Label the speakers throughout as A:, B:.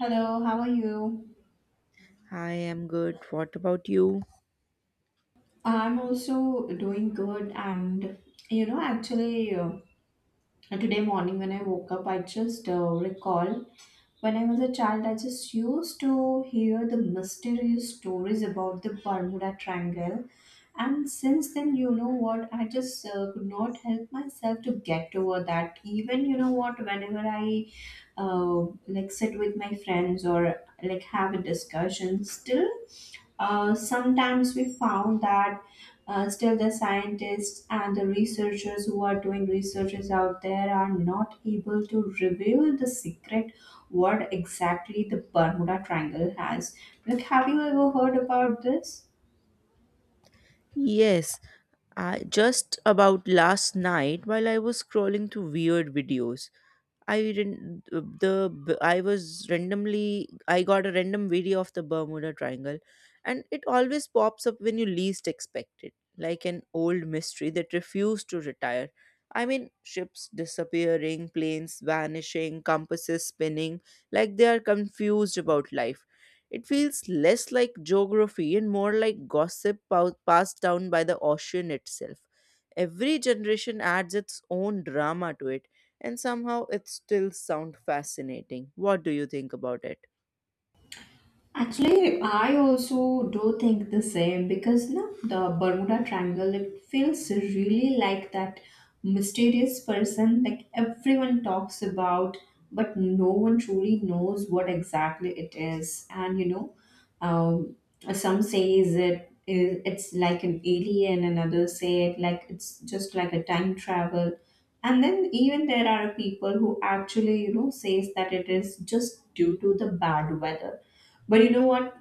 A: Hello, how are you?
B: I am good. What about you?
A: I'm also doing good, and you know, actually, today morning when I woke up, I just recall when I was a child, I just used to hear the mysterious stories about the Bermuda Triangle, and since then, you know what, I just could not help myself to get over that. Even you know what, whenever I like sit with my friends or like have a discussion, still. Sometimes we found that still the scientists and the researchers who are doing researches out there are not able to reveal the secret what exactly the Bermuda Triangle has. Like, have you ever heard about this?
B: Yes, I just about last night while I was scrolling through weird videos. I didn't the I was randomly I got a random video of the Bermuda Triangle, and it always pops up when you least expect it, like an old mystery that refused to retire. I mean, ships disappearing, planes vanishing, compasses spinning, like they are confused about life. It feels less like geography and more like gossip passed down by the ocean itself. Every generation adds its own drama to it, and somehow it still sounds fascinating. What do you think about it?
A: Actually, I also do think the same because no, the Bermuda Triangle it feels really like that mysterious person like everyone talks about, but no one truly knows what exactly it is. And you know, um, some says it's like an alien, and others say it like it's just like a time travel. And then even there are people who actually you know says that it is just due to the bad weather, but you know what?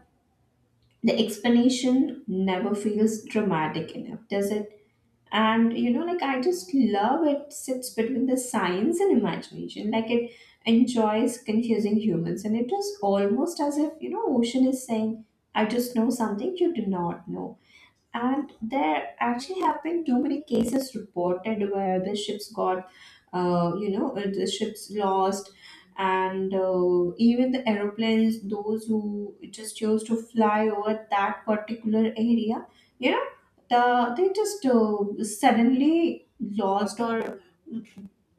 A: The explanation never feels dramatic enough, does it? And you know, like I just love it sits between the science and imagination. Like it enjoys confusing humans, and it is almost as if you know, ocean is saying, "I just know something you do not know." And there actually have been too many cases reported where the ships got the ships lost, and even the aeroplanes those who just chose to fly over that particular area, you know, they just suddenly lost, or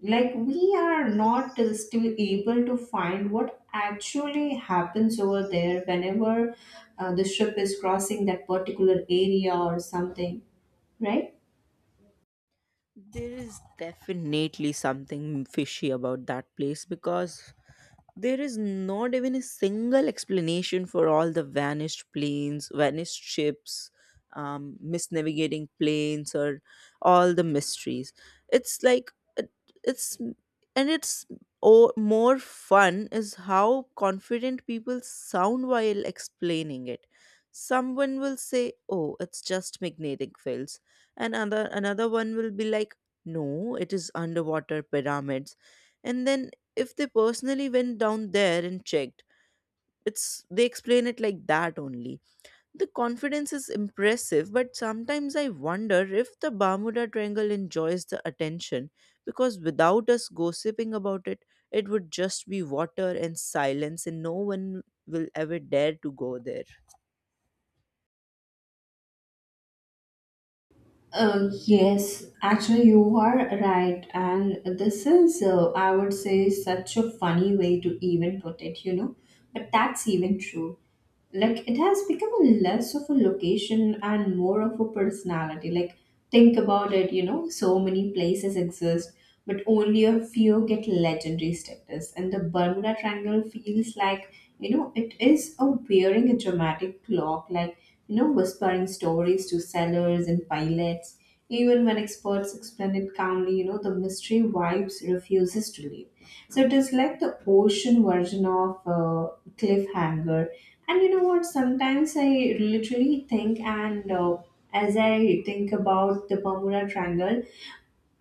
A: like we are not still able to find what actually happens over there whenever the ship is crossing that particular area or something, right.
B: There is definitely something fishy about that place, because there is not even a single explanation for all the vanished planes, vanished ships, misnavigating planes, or all the mysteries. It's like it, it's and it's oh, more fun is how confident people sound while explaining it. Someone will say, "Oh, it's just magnetic fields," and another one will be like, "No, it is underwater pyramids." And then if they personally went down there and checked, it's they explain it like that only. The confidence is impressive, but sometimes I wonder if the Bermuda Triangle enjoys the attention, because without us gossiping about it, it would just be water and silence and no one will ever dare to go there.
A: Yes, actually you are right, and this is I would say such a funny way to even put it, you know, but that's even true. Like it has become a less of a location and more of a personality. Like think about it, you know, so many places exist but only a few get legendary status, and the Bermuda Triangle feels like, you know, it is a wearing a dramatic clock, like, you know, whispering stories to sailors and pilots even when experts explain it calmly. You know, the mystery vibes refuses to leave. So it is like the ocean version of cliffhanger. And you know what? Sometimes I literally think, and as I think about the Bermuda Triangle,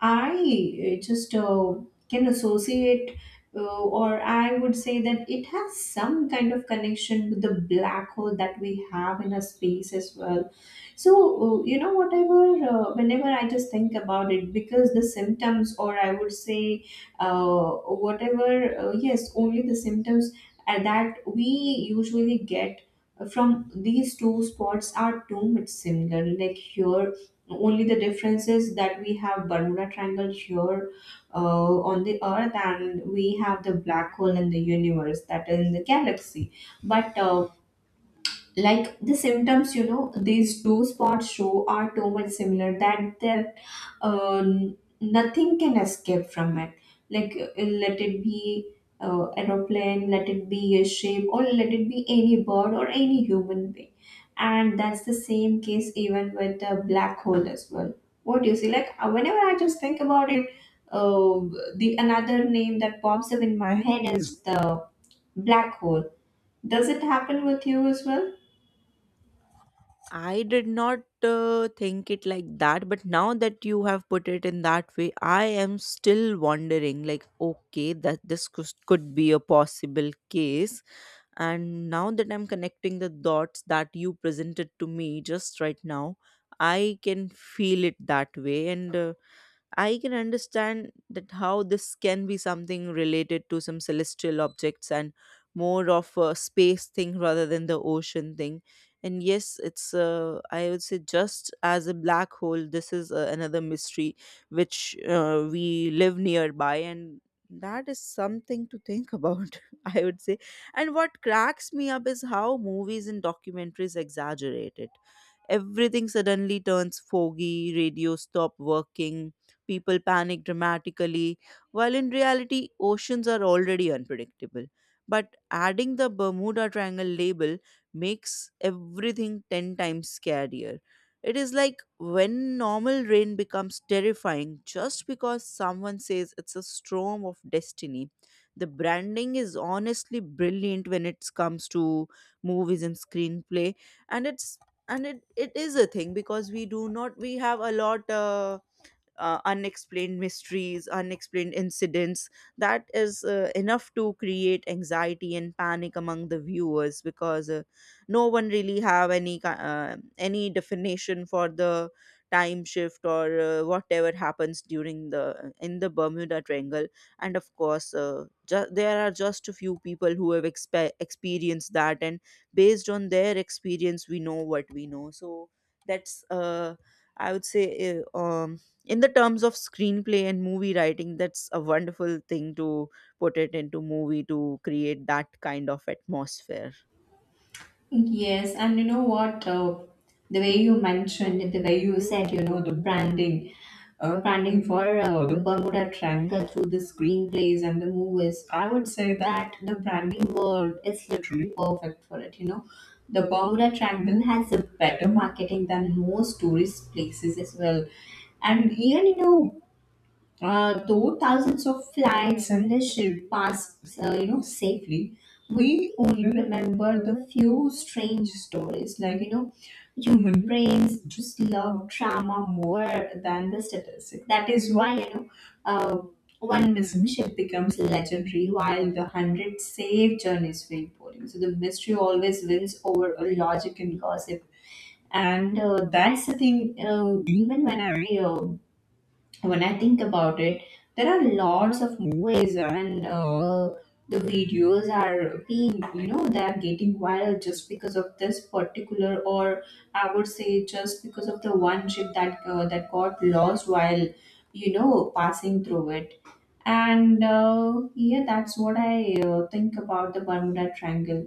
A: I just can associate, or I would say that it has some kind of connection with the black hole that we have in a space as well. So, you know, whatever, whenever I just think about it, because the symptoms, or I would say, whatever, yes, only the symptoms that we usually get from these two spots are too much similar. Like here only the difference is that we have Bermuda Triangle here on the Earth, and we have the black hole in the universe that is in the galaxy. But like the symptoms, you know, these two spots show are too much similar that there uh, nothing can escape from it. Like let it be aeroplane, let it be a ship, or let it be any bird or any human being. And that's the same case even with the black hole as well. What do you see? Like whenever I just think about it, uh, the another name that pops up in my head is the black hole. Does it happen with you as well?
B: I did not think it like that, but now that you have put it in that way, I am still wondering like, okay, that this could be a possible case. And now that I'm connecting the dots that you presented to me just right now, I can feel it that way. And I can understand that how this can be something related to some celestial objects and more of a space thing rather than the ocean thing. And yes, it's I would say just as a black hole, this is another mystery which we live nearby, and that is something to think about. I would say. And what cracks me up is how movies and documentaries exaggerate it. Everything suddenly turns foggy, radio stop working, people panic dramatically, while in reality, oceans are already unpredictable. But adding the Bermuda Triangle label makes everything 10 times scarier. It is like when normal rain becomes terrifying just because someone says it's a storm of destiny. The branding is honestly brilliant when it comes to movies and screenplay, and it's and it is a thing because we do not we have a lot unexplained mysteries, unexplained incidents. That is enough to create anxiety and panic among the viewers, because no one really have any definition for the time shift or whatever happens during the Bermuda Triangle. And of course, there are just a few people who have experienced that, and based on their experience, we know what we know. So that's I would say in the terms of screenplay and movie writing, that's a wonderful thing to put it into movie to create that kind of atmosphere.
A: Yes, and you know what? The way you mentioned, it, the way you said, you know, the branding, for the Bermuda Triangle through the screenplays and the movies, I would say that the branding world is literally perfect for it. You know, the Bermuda Triangle has a better marketing than most tourist places as well. And even you know, though thousands of flights vanished past, you know, safely, we only remember the few strange stories. Like you know, human brains just love drama more than the statistics. That is why you know, uh, one missing ship becomes legendary, while the hundred safe journeys feel boring. So the mystery always wins over a logic and gossip. And that's the thing. Even when I think about it, there are lots of movies and, the videos are being, you know, they are getting viral just because of this particular, or I would say just because of the one ship that that got lost while, you know, passing through it. And yeah, that's what I think about the Bermuda Triangle.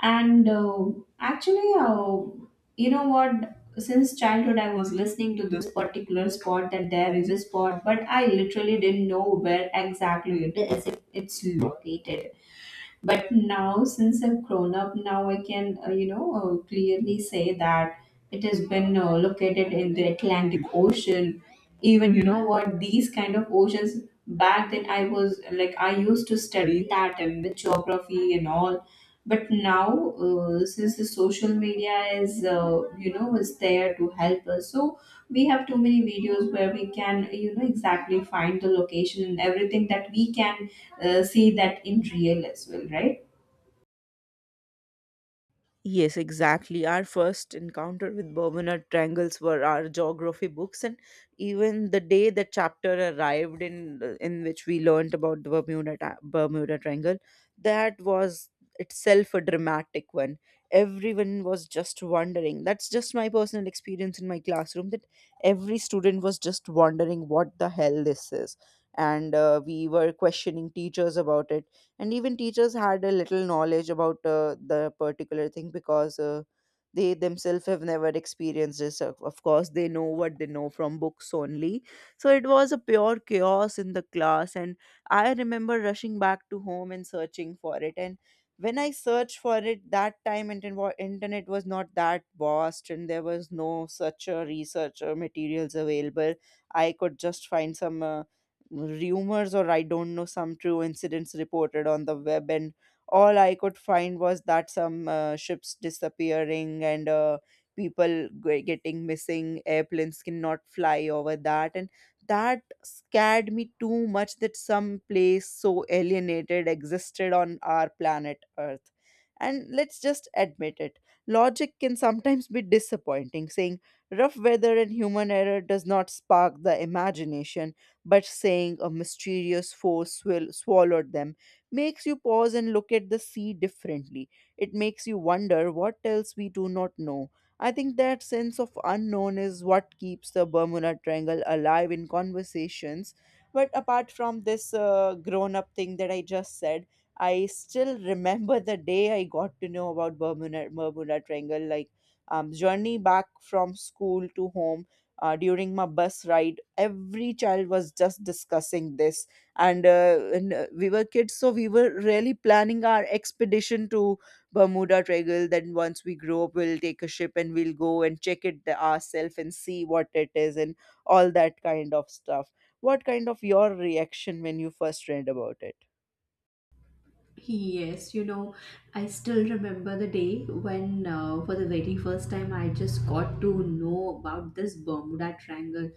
A: And actually, you know what? Since childhood, I was listening to this particular spot that there is a spot, but I literally didn't know where exactly it is. It's located. But now, since I've grown up, now I can, you know, clearly say that it has been located in the Atlantic Ocean. Even, you know, what these kind of oceans back then I was like, I used to study that and the geography and all. But now, since the social media is, you know, is there to help us, so we have too many videos where we can you know exactly find the location and everything that we can see that in real as well, right?
B: Yes, exactly. Our first encounter with Bermuda triangles were our geography books, and even the day the chapter arrived in which we learned about the Bermuda Triangle, that was itself a dramatic one. Everyone was just wondering. That's just my personal experience in my classroom, that every student was just wondering what the hell this is, and we were questioning teachers about it, and even teachers had a little knowledge about the particular thing, because they themselves have never experienced this. Of course they know what they know from books only. So it was a pure chaos in the class, and I remember rushing back to home and searching for it. And when I searched for it, that time internet was not that vast, and there was no such a research or materials available. I could just find some rumors or I don't know some true incidents reported on the web, and all I could find was that some ships disappearing, and people getting missing, airplanes cannot fly over that, and that scared me too much that some place so alienated existed on our planet Earth. And let's just admit it. Logic can sometimes be disappointing. Saying rough weather and human error does not spark the imagination, but saying a mysterious force will swallowed them makes you pause and look at the sea differently. It makes you wonder what else we do not know. I think that sense of unknown is what keeps the Bermuda Triangle alive in conversations. But apart from this grown up thing that I just said, I still remember the day I got to know about Bermuda Triangle, like journey back from school to home, during my bus ride every child was just discussing this. And we were kids, so we were really planning our expedition to Bermuda Triangle. Then once we grow up, we'll take a ship and we'll go and check it ourselves and see what it is, and all that kind of stuff. What kind of your reaction when you first read about it?
A: Yes, you know, I still remember the day when, for the very first time, I just got to know about this Bermuda Triangle.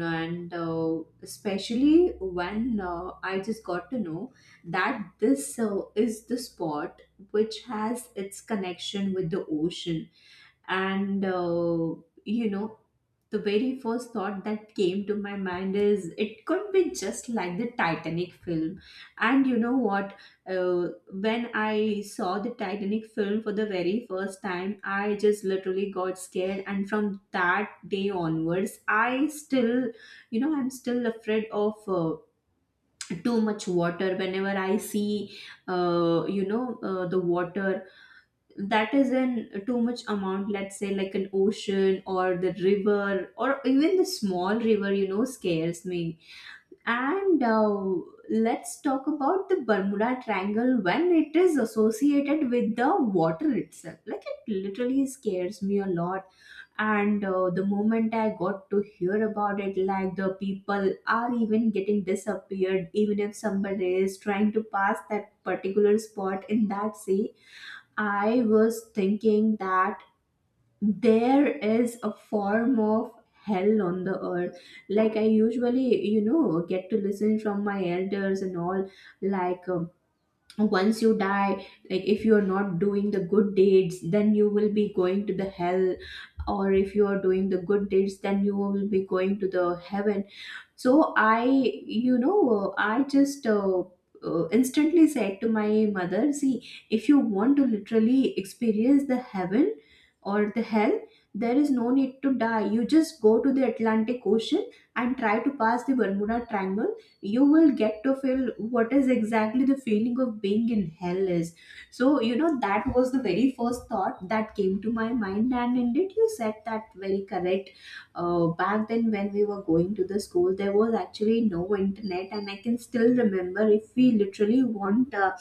A: And especially when I just got to know that this is the spot which has its connection with the ocean. And you know, the very first thought that came to my mind is it could be just like the Titanic film. And you know what, uh, when I saw the Titanic film for the very first time, I just literally got scared, and from that day onwards I still, you know, I'm still afraid of too much water. Whenever I see the water that is in too much amount, let's say like an ocean or the river or even the small river, you know, scares me. And let's talk about the Bermuda Triangle. When it is associated with the water itself, like it literally scares me a lot. And the moment I got to hear about it, like the people are even getting disappeared even if somebody is trying to pass that particular spot in that sea, I was thinking that there is a form of hell on the earth. Like I usually, you know, get to listen from my elders and all, like, once you die, like if you are not doing the good deeds, then you will be going to the hell, or if you are doing the good deeds, then you will be going to the heaven. So I, you know, I just instantly said to my mother, see, if you want to literally experience the heaven or the hell, there is no need to die. You just go to the Atlantic Ocean and try to pass the Bermuda Triangle. You will get to feel what is exactly the feeling of being in hell is. So you know, that was the very first thought that came to my mind, and indeed you said that very correct. Back then when we were going to the school, there was actually no internet, and I can still remember if we literally want uh,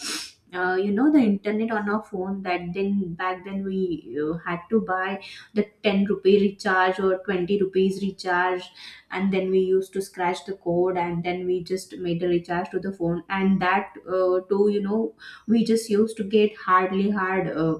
A: uh, you know the internet on our phone, that then back then we had to buy the 10 rupee recharge or 20 rupees recharge, and then we used to scratch the code and then we just made a recharge to the phone. And that too, you know, we just used to get hardly hard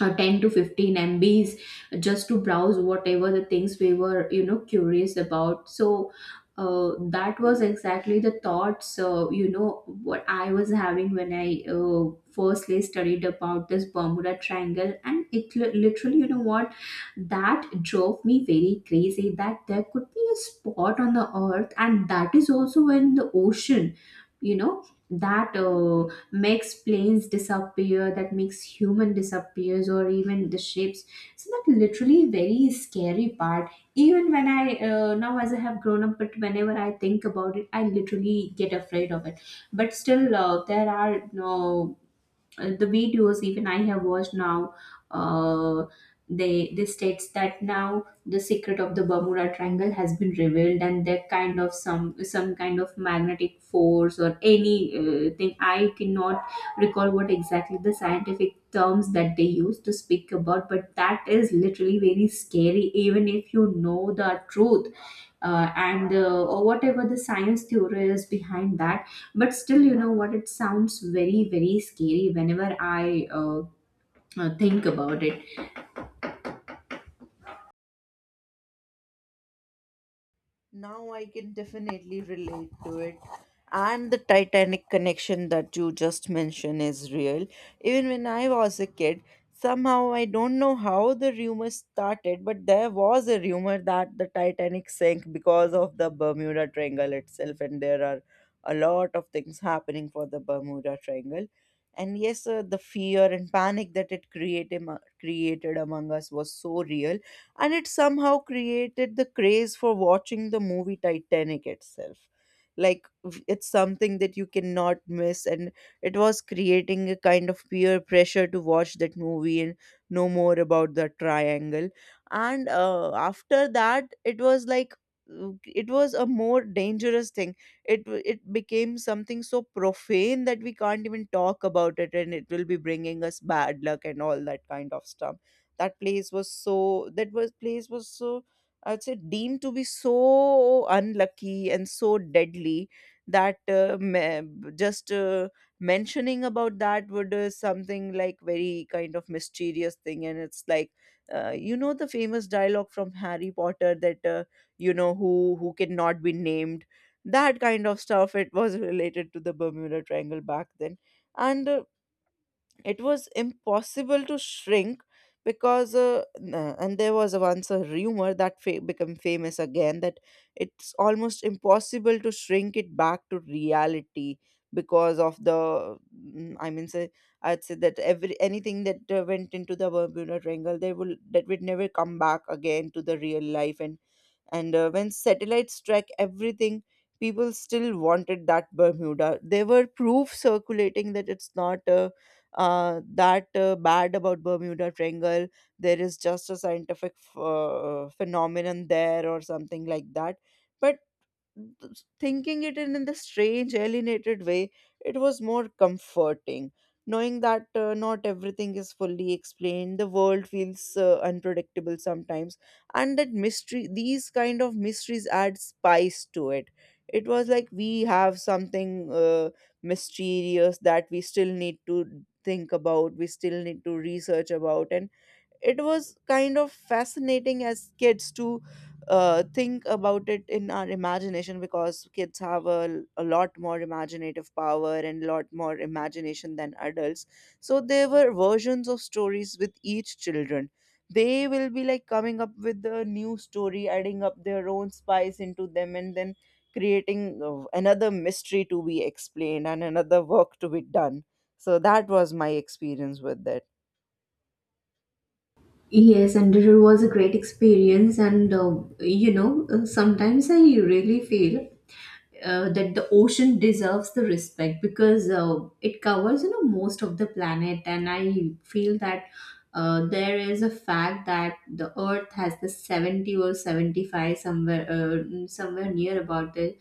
A: 10 to 15 MBs just to browse whatever the things we were, you know, curious about. So that was exactly the thoughts, you know what, I was having when I firstly studied about this Bermuda Triangle. And it literally, you know what, that drove me very crazy that there could be a spot on the earth, and that is also in the ocean, you know, that makes planes disappear, that makes human disappears, or even the ships. So that literally very scary part. Even when I, now as I have grown up, but whenever I think about it, I literally get afraid of it. But still, there are no the videos even I have watched now, uh, they states that now the secret of the Bermuda Triangle has been revealed and that kind of some kind of magnetic force or any thing I cannot recall what exactly the scientific terms that they use to speak about, but that is literally very scary even if you know the truth, and or whatever the science theory is behind that. But still, you know what, it sounds very very scary whenever I think about it.
B: Now I can definitely relate to it. And the Titanic connection that you just mentioned is real. Even when I was a kid, somehow I don't know how the rumor started, but there was a rumor that the Titanic sank because of the Bermuda Triangle itself, and there are a lot of things happening for the Bermuda Triangle. And yes, the fear and panic that it created created among us was so real, and it somehow created the craze for watching the movie Titanic itself, like it's something that you cannot miss, and it was creating a kind of peer pressure to watch that movie and know more about the triangle. And after that it was like it was a more dangerous thing. It it became something so profane that we can't even talk about it, and it will be bringing us bad luck and all that kind of stuff. That place was so that was place was so, I'd say, deemed to be so unlucky and so deadly that me- just mentioning about that would something like very kind of mysterious thing. And it's like you know the famous dialogue from Harry Potter that you know who cannot be named, that kind of stuff it was related to the Bermuda Triangle back then. And it was impossible to shrink, because and there was once a rumor that became famous again, that it's almost impossible to shrink it back to reality because of the I mean say, I'd say that every anything that went into the Bermuda Triangle, they will that would never come back again to the real life. And when satellites track everything, people still wanted that Bermuda. There were proof circulating that it's not that bad about Bermuda Triangle. There is just a scientific phenomenon there or something like that. But thinking it in the strange alienated way, it was more comforting knowing that not everything is fully explained. The world feels unpredictable sometimes, and that mystery, these kind of mysteries add spice to it. It was like we have something mysterious that we still need to think about, we still need to research about. And it was kind of fascinating as kids to think about it in our imagination, because kids have a lot more imaginative power and a lot more imagination than adults. So there were versions of stories with each children. They will be like coming up with a new story, adding up their own spice into them, and then creating another mystery to be explained and another work to be done. So that was my experience with it.
A: Yes, and it was a great experience. And you know, sometimes I really feel that the ocean deserves the respect, because it covers, you know, most of the planet. And I feel that there is a fact that the earth has the 70 or 75, somewhere somewhere near about the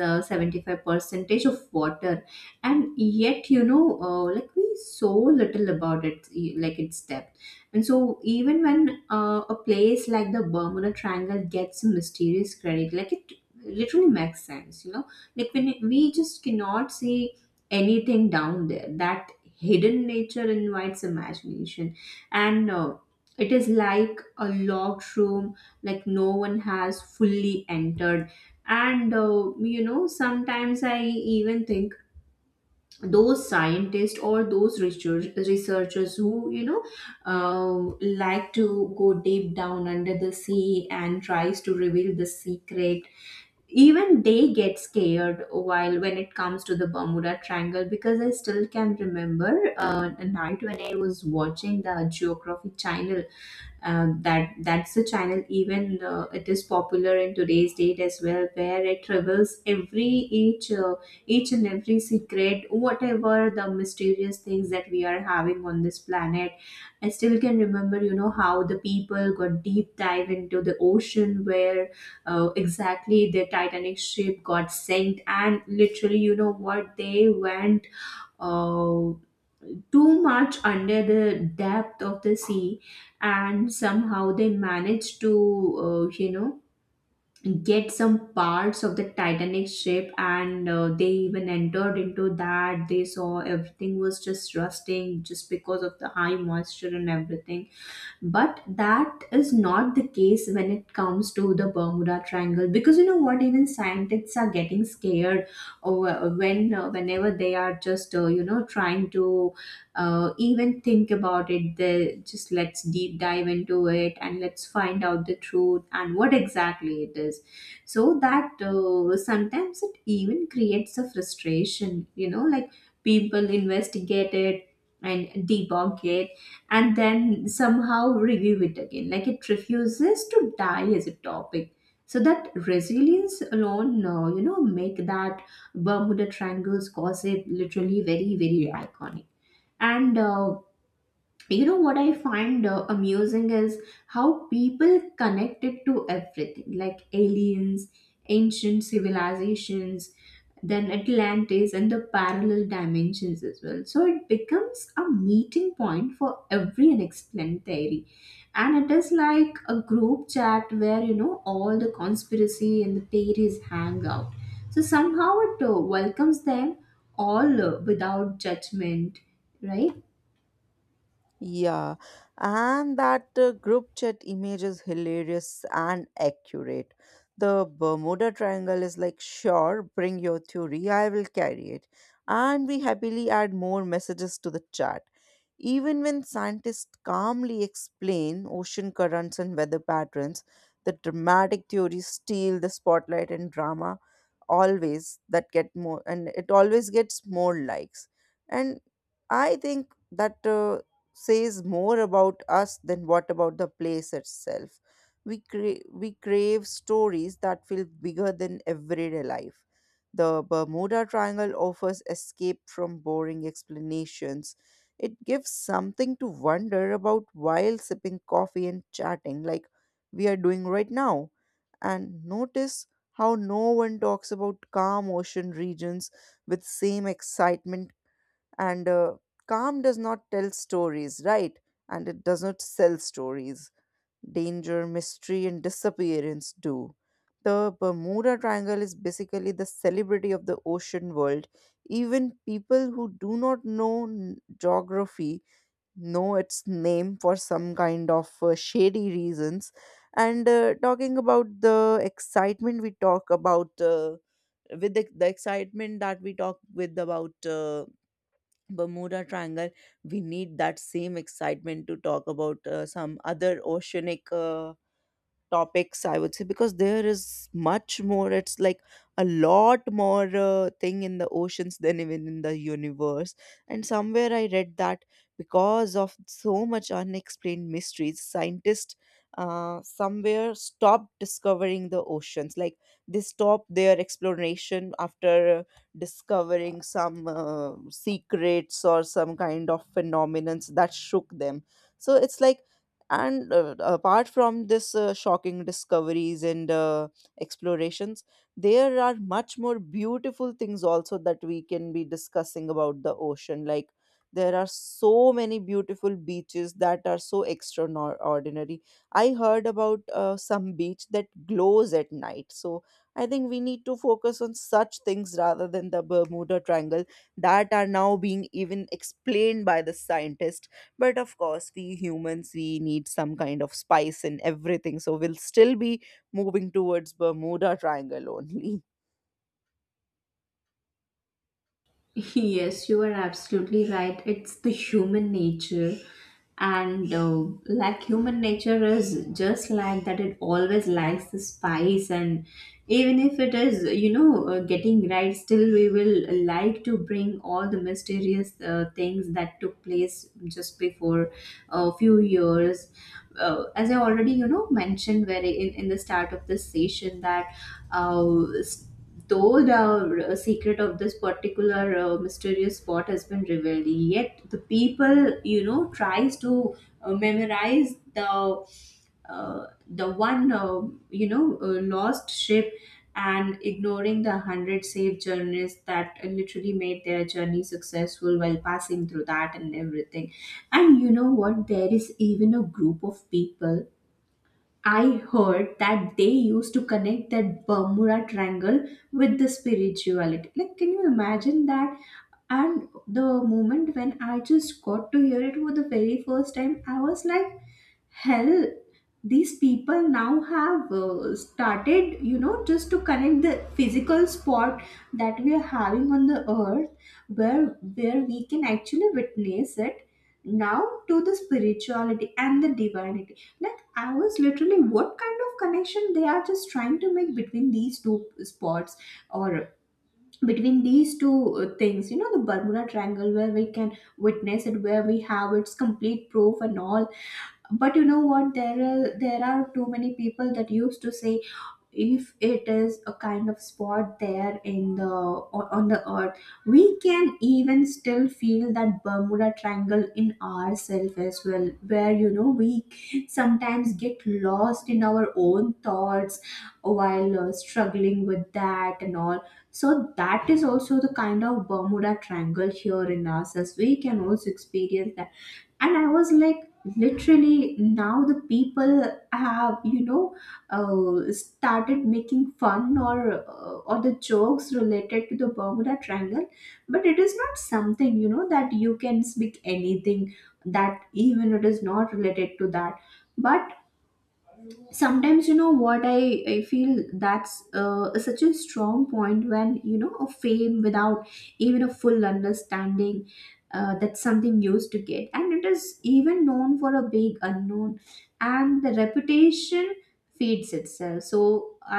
A: 75 percentage of water. And yet, you know, like we so little about it, e- like its depth. And so, even when a place like the Bermuda Triangle gets mysterious credit, like, it literally makes sense, you know, like when it- we just cannot see anything down there. That hidden nature invites imagination. And it is like a locked room, like no one has fully entered. And you know, sometimes I even think those scientists or those researchers who, you know, like to go deep down under the sea and tries to reveal the secret, even they get scared while when it comes to the Bermuda Triangle. Because I still can remember a night when I was watching the Geography channel, that that's the channel even it is popular in today's date as well, where it reveals every each uh, each and every secret, whatever the mysterious things that we are having on this planet. I still can remember, you know, how the people got deep dive into the ocean where exactly the Titanic ship got sank. And literally, you know what, they went uh, too much under the depth of the sea. And somehow they managed to you know, get some parts of the Titanic ship. And they even entered into that, they saw everything was just rusting just because of the high moisture and everything. But that is not the case when it comes to the Bermuda Triangle, because you know what, even scientists are getting scared over when whenever they are just you know, trying to even think about it. They just let's deep dive into it and let's find out the truth and what exactly it is. So that, sometimes it even creates a frustration. You know, like, people investigate it and debunk it and then somehow review it again. Like, it refuses to die as a topic. So that resilience alone, you know, make that Bermuda Triangle's gossip literally very, very iconic. And you know what I find amusing is how people connect it to everything, like aliens, ancient civilizations, then Atlantis and the parallel dimensions as well. So it becomes a meeting point for every unexplained theory. And it is like a group chat where, you know, all the conspiracy and the theories hang out. So somehow it welcomes them all without judgment, right?
B: Yeah, and that group chat image is hilarious and accurate. The Bermuda Triangle is like, sure, bring your theory, I will carry it. And we happily add more messages to the chat. Even when scientists calmly explain ocean currents and weather patterns, the dramatic theories steal the spotlight, and drama always that get more and it always gets more likes. And I think that says more about us than what about the place itself. We crave stories that feel bigger than everyday life. The Bermuda Triangle offers escape from boring explanations. It gives something to wonder about while sipping coffee and chatting, like we are doing right now. And notice how no one talks about calm ocean regions with same excitement. And calm does not tell stories, right? And it does not sell stories. Danger, mystery, and disappearance do. The Bermuda Triangle is basically the celebrity of the ocean world. Even people who do not know geography know its name for some kind of shady reasons. And talking about the excitement, we talk about with the excitement that we talk with about Bermuda Triangle. We need that same excitement to talk about some other oceanic topics, I would say, because there is much more. It's like a lot more thing in the oceans than even in the universe. And somewhere I read that because of so much unexplained mysteries, scientists somewhere stopped discovering the oceans, like they stopped their exploration after discovering some secrets or some kind of phenomenons that shook them. So it's like, and apart from this shocking discoveries and explorations, there are much more beautiful things also that we can be discussing about the ocean. Like there are so many beautiful beaches that are so extraordinary. I heard about some beach that glows at night. So I think we need to focus on such things rather than the Bermuda Triangle that are now being even explained by the scientists. But of course, we humans, we need some kind of spice in everything, so we'll still be moving towards Bermuda Triangle only.
A: Yes, you are absolutely right. It's the human nature. And like, human nature is just like that, it always likes the spice. And even if it is, you know, getting right, still we will like to bring all the mysterious things that took place just before a few years. As I already, you know, mentioned very in the start of this session that uh, though the secret of this particular mysterious spot has been revealed, yet the people, you know, tries to memorize the one, you know, lost ship, and ignoring the hundred safe journeys that literally made their journey successful while passing through that and everything. And you know what? There is even a group of people, I heard, that they used to connect that Bermuda Triangle with the spirituality. Like, can you imagine that? And the moment when I just got to hear it for the very first time, I was like, hell, these people now have, started, you know, just to connect the physical spot that we are having on the earth, where where we can actually witness it now, to the spirituality and the divinity. Like, I was literally, what kind of connection they are just trying to make between these two spots, or between these two things, you know, the Bermuda Triangle where we can witness it, where we have its complete proof and all. But you know what, there are too many people that used to say, if it is a kind of spot there in the o- on the earth, we can even still feel that Bermuda Triangle in ourselves as well, where, you know, we sometimes get lost in our own thoughts while struggling with that and all. So that is also the kind of Bermuda Triangle here in us, as we can also experience that. And I was like, literally now the people have, you know, started making fun or or the jokes related to the Bermuda Triangle. But it is not something, you know, that you can speak anything that even it is not related to that. But sometimes, you know what, I feel that's such a strong point, when, you know, a fame without even a full understanding, that's something used to get, and it is even known for a big unknown, and the reputation feeds itself. So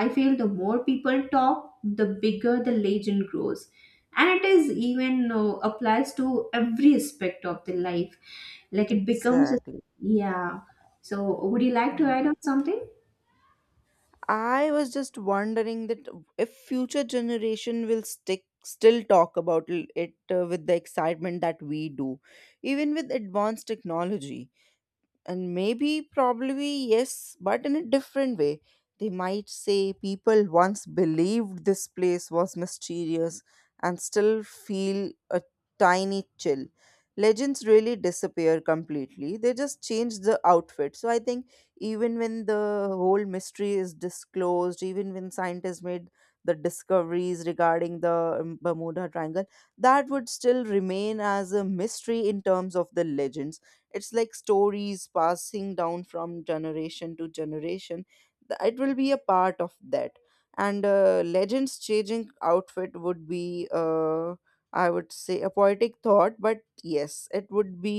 A: I feel the more people talk, the bigger the legend grows. And it is even applies to every aspect of the life, like it becomes a,
B: Exactly.
A: yeah, so would you like to
B: Mm.
A: add on something?
B: I was just wondering that if future generation will stick still talk about it with the excitement that we do, even with advanced technology. And maybe probably yes, but in a different way. They might say people once believed this place was mysterious and still feel a tiny chill. Legends really disappear completely, they just change the outfit. So I think even when the whole mystery is disclosed, even when scientists made the discoveries regarding the Bermuda Triangle, that would still remain as a mystery in terms of the legend. It's like stories passing down from generation to generation. It will be a part of that. And legends changing outfit would be I would say a poetic thought, but yes it would be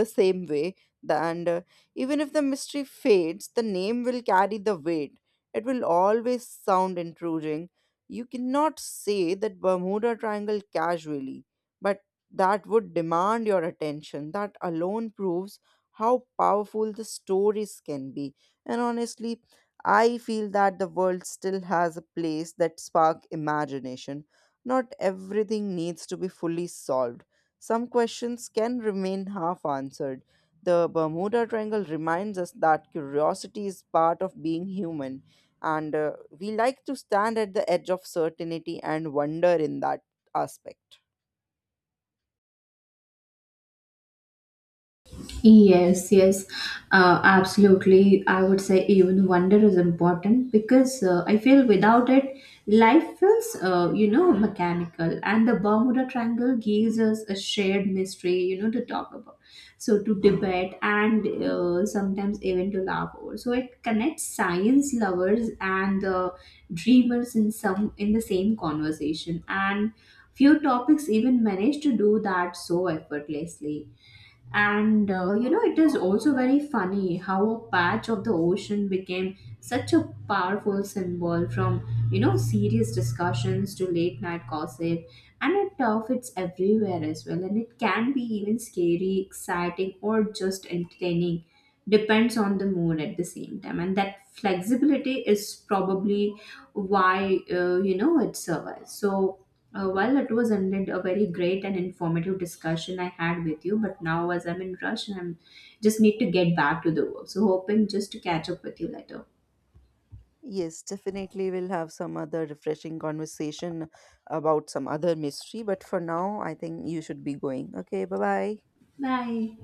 B: the same way. And even if the mystery fades, the name will carry the weight. It will always sound intruding. You cannot say that Bermuda Triangle casually, but that would demand your attention. That alone proves how powerful the stories can be. And honestly, I feel that the world still has a place that spark imagination. Not everything needs to be fully solved. Some questions can remain half answered. The Bermuda Triangle reminds us that curiosity is part of being human, and we like to stand at the edge of certainty and wonder in that aspect.
A: Yes, yes, absolutely. I would say even wonder is important, because I feel without it, life feels, you know, mechanical. And the Bermuda Triangle gives us a shared mystery, you know, to talk about. So to debate, and sometimes even to laugh over. So it connects science lovers and dreamers in some in the same conversation. And few topics even manage to do that so effortlessly. And you know, it is also very funny how a patch of the ocean became such a powerful symbol, from, you know, serious discussions to late night gossip. And it fits everywhere as well, and it can be even scary, exciting, or just entertaining, depends on the mood at the same time. And that flexibility is probably why, you know, it survives. So while it was indeed a very great and informative discussion I had with you, but now as I'm in rush and I'm just need to get back to the work, so hoping just to catch up with you later.
B: Yes, definitely we'll have some other refreshing conversation about some other mystery. But for now, I think you should be going. Okay, bye bye.
A: Bye.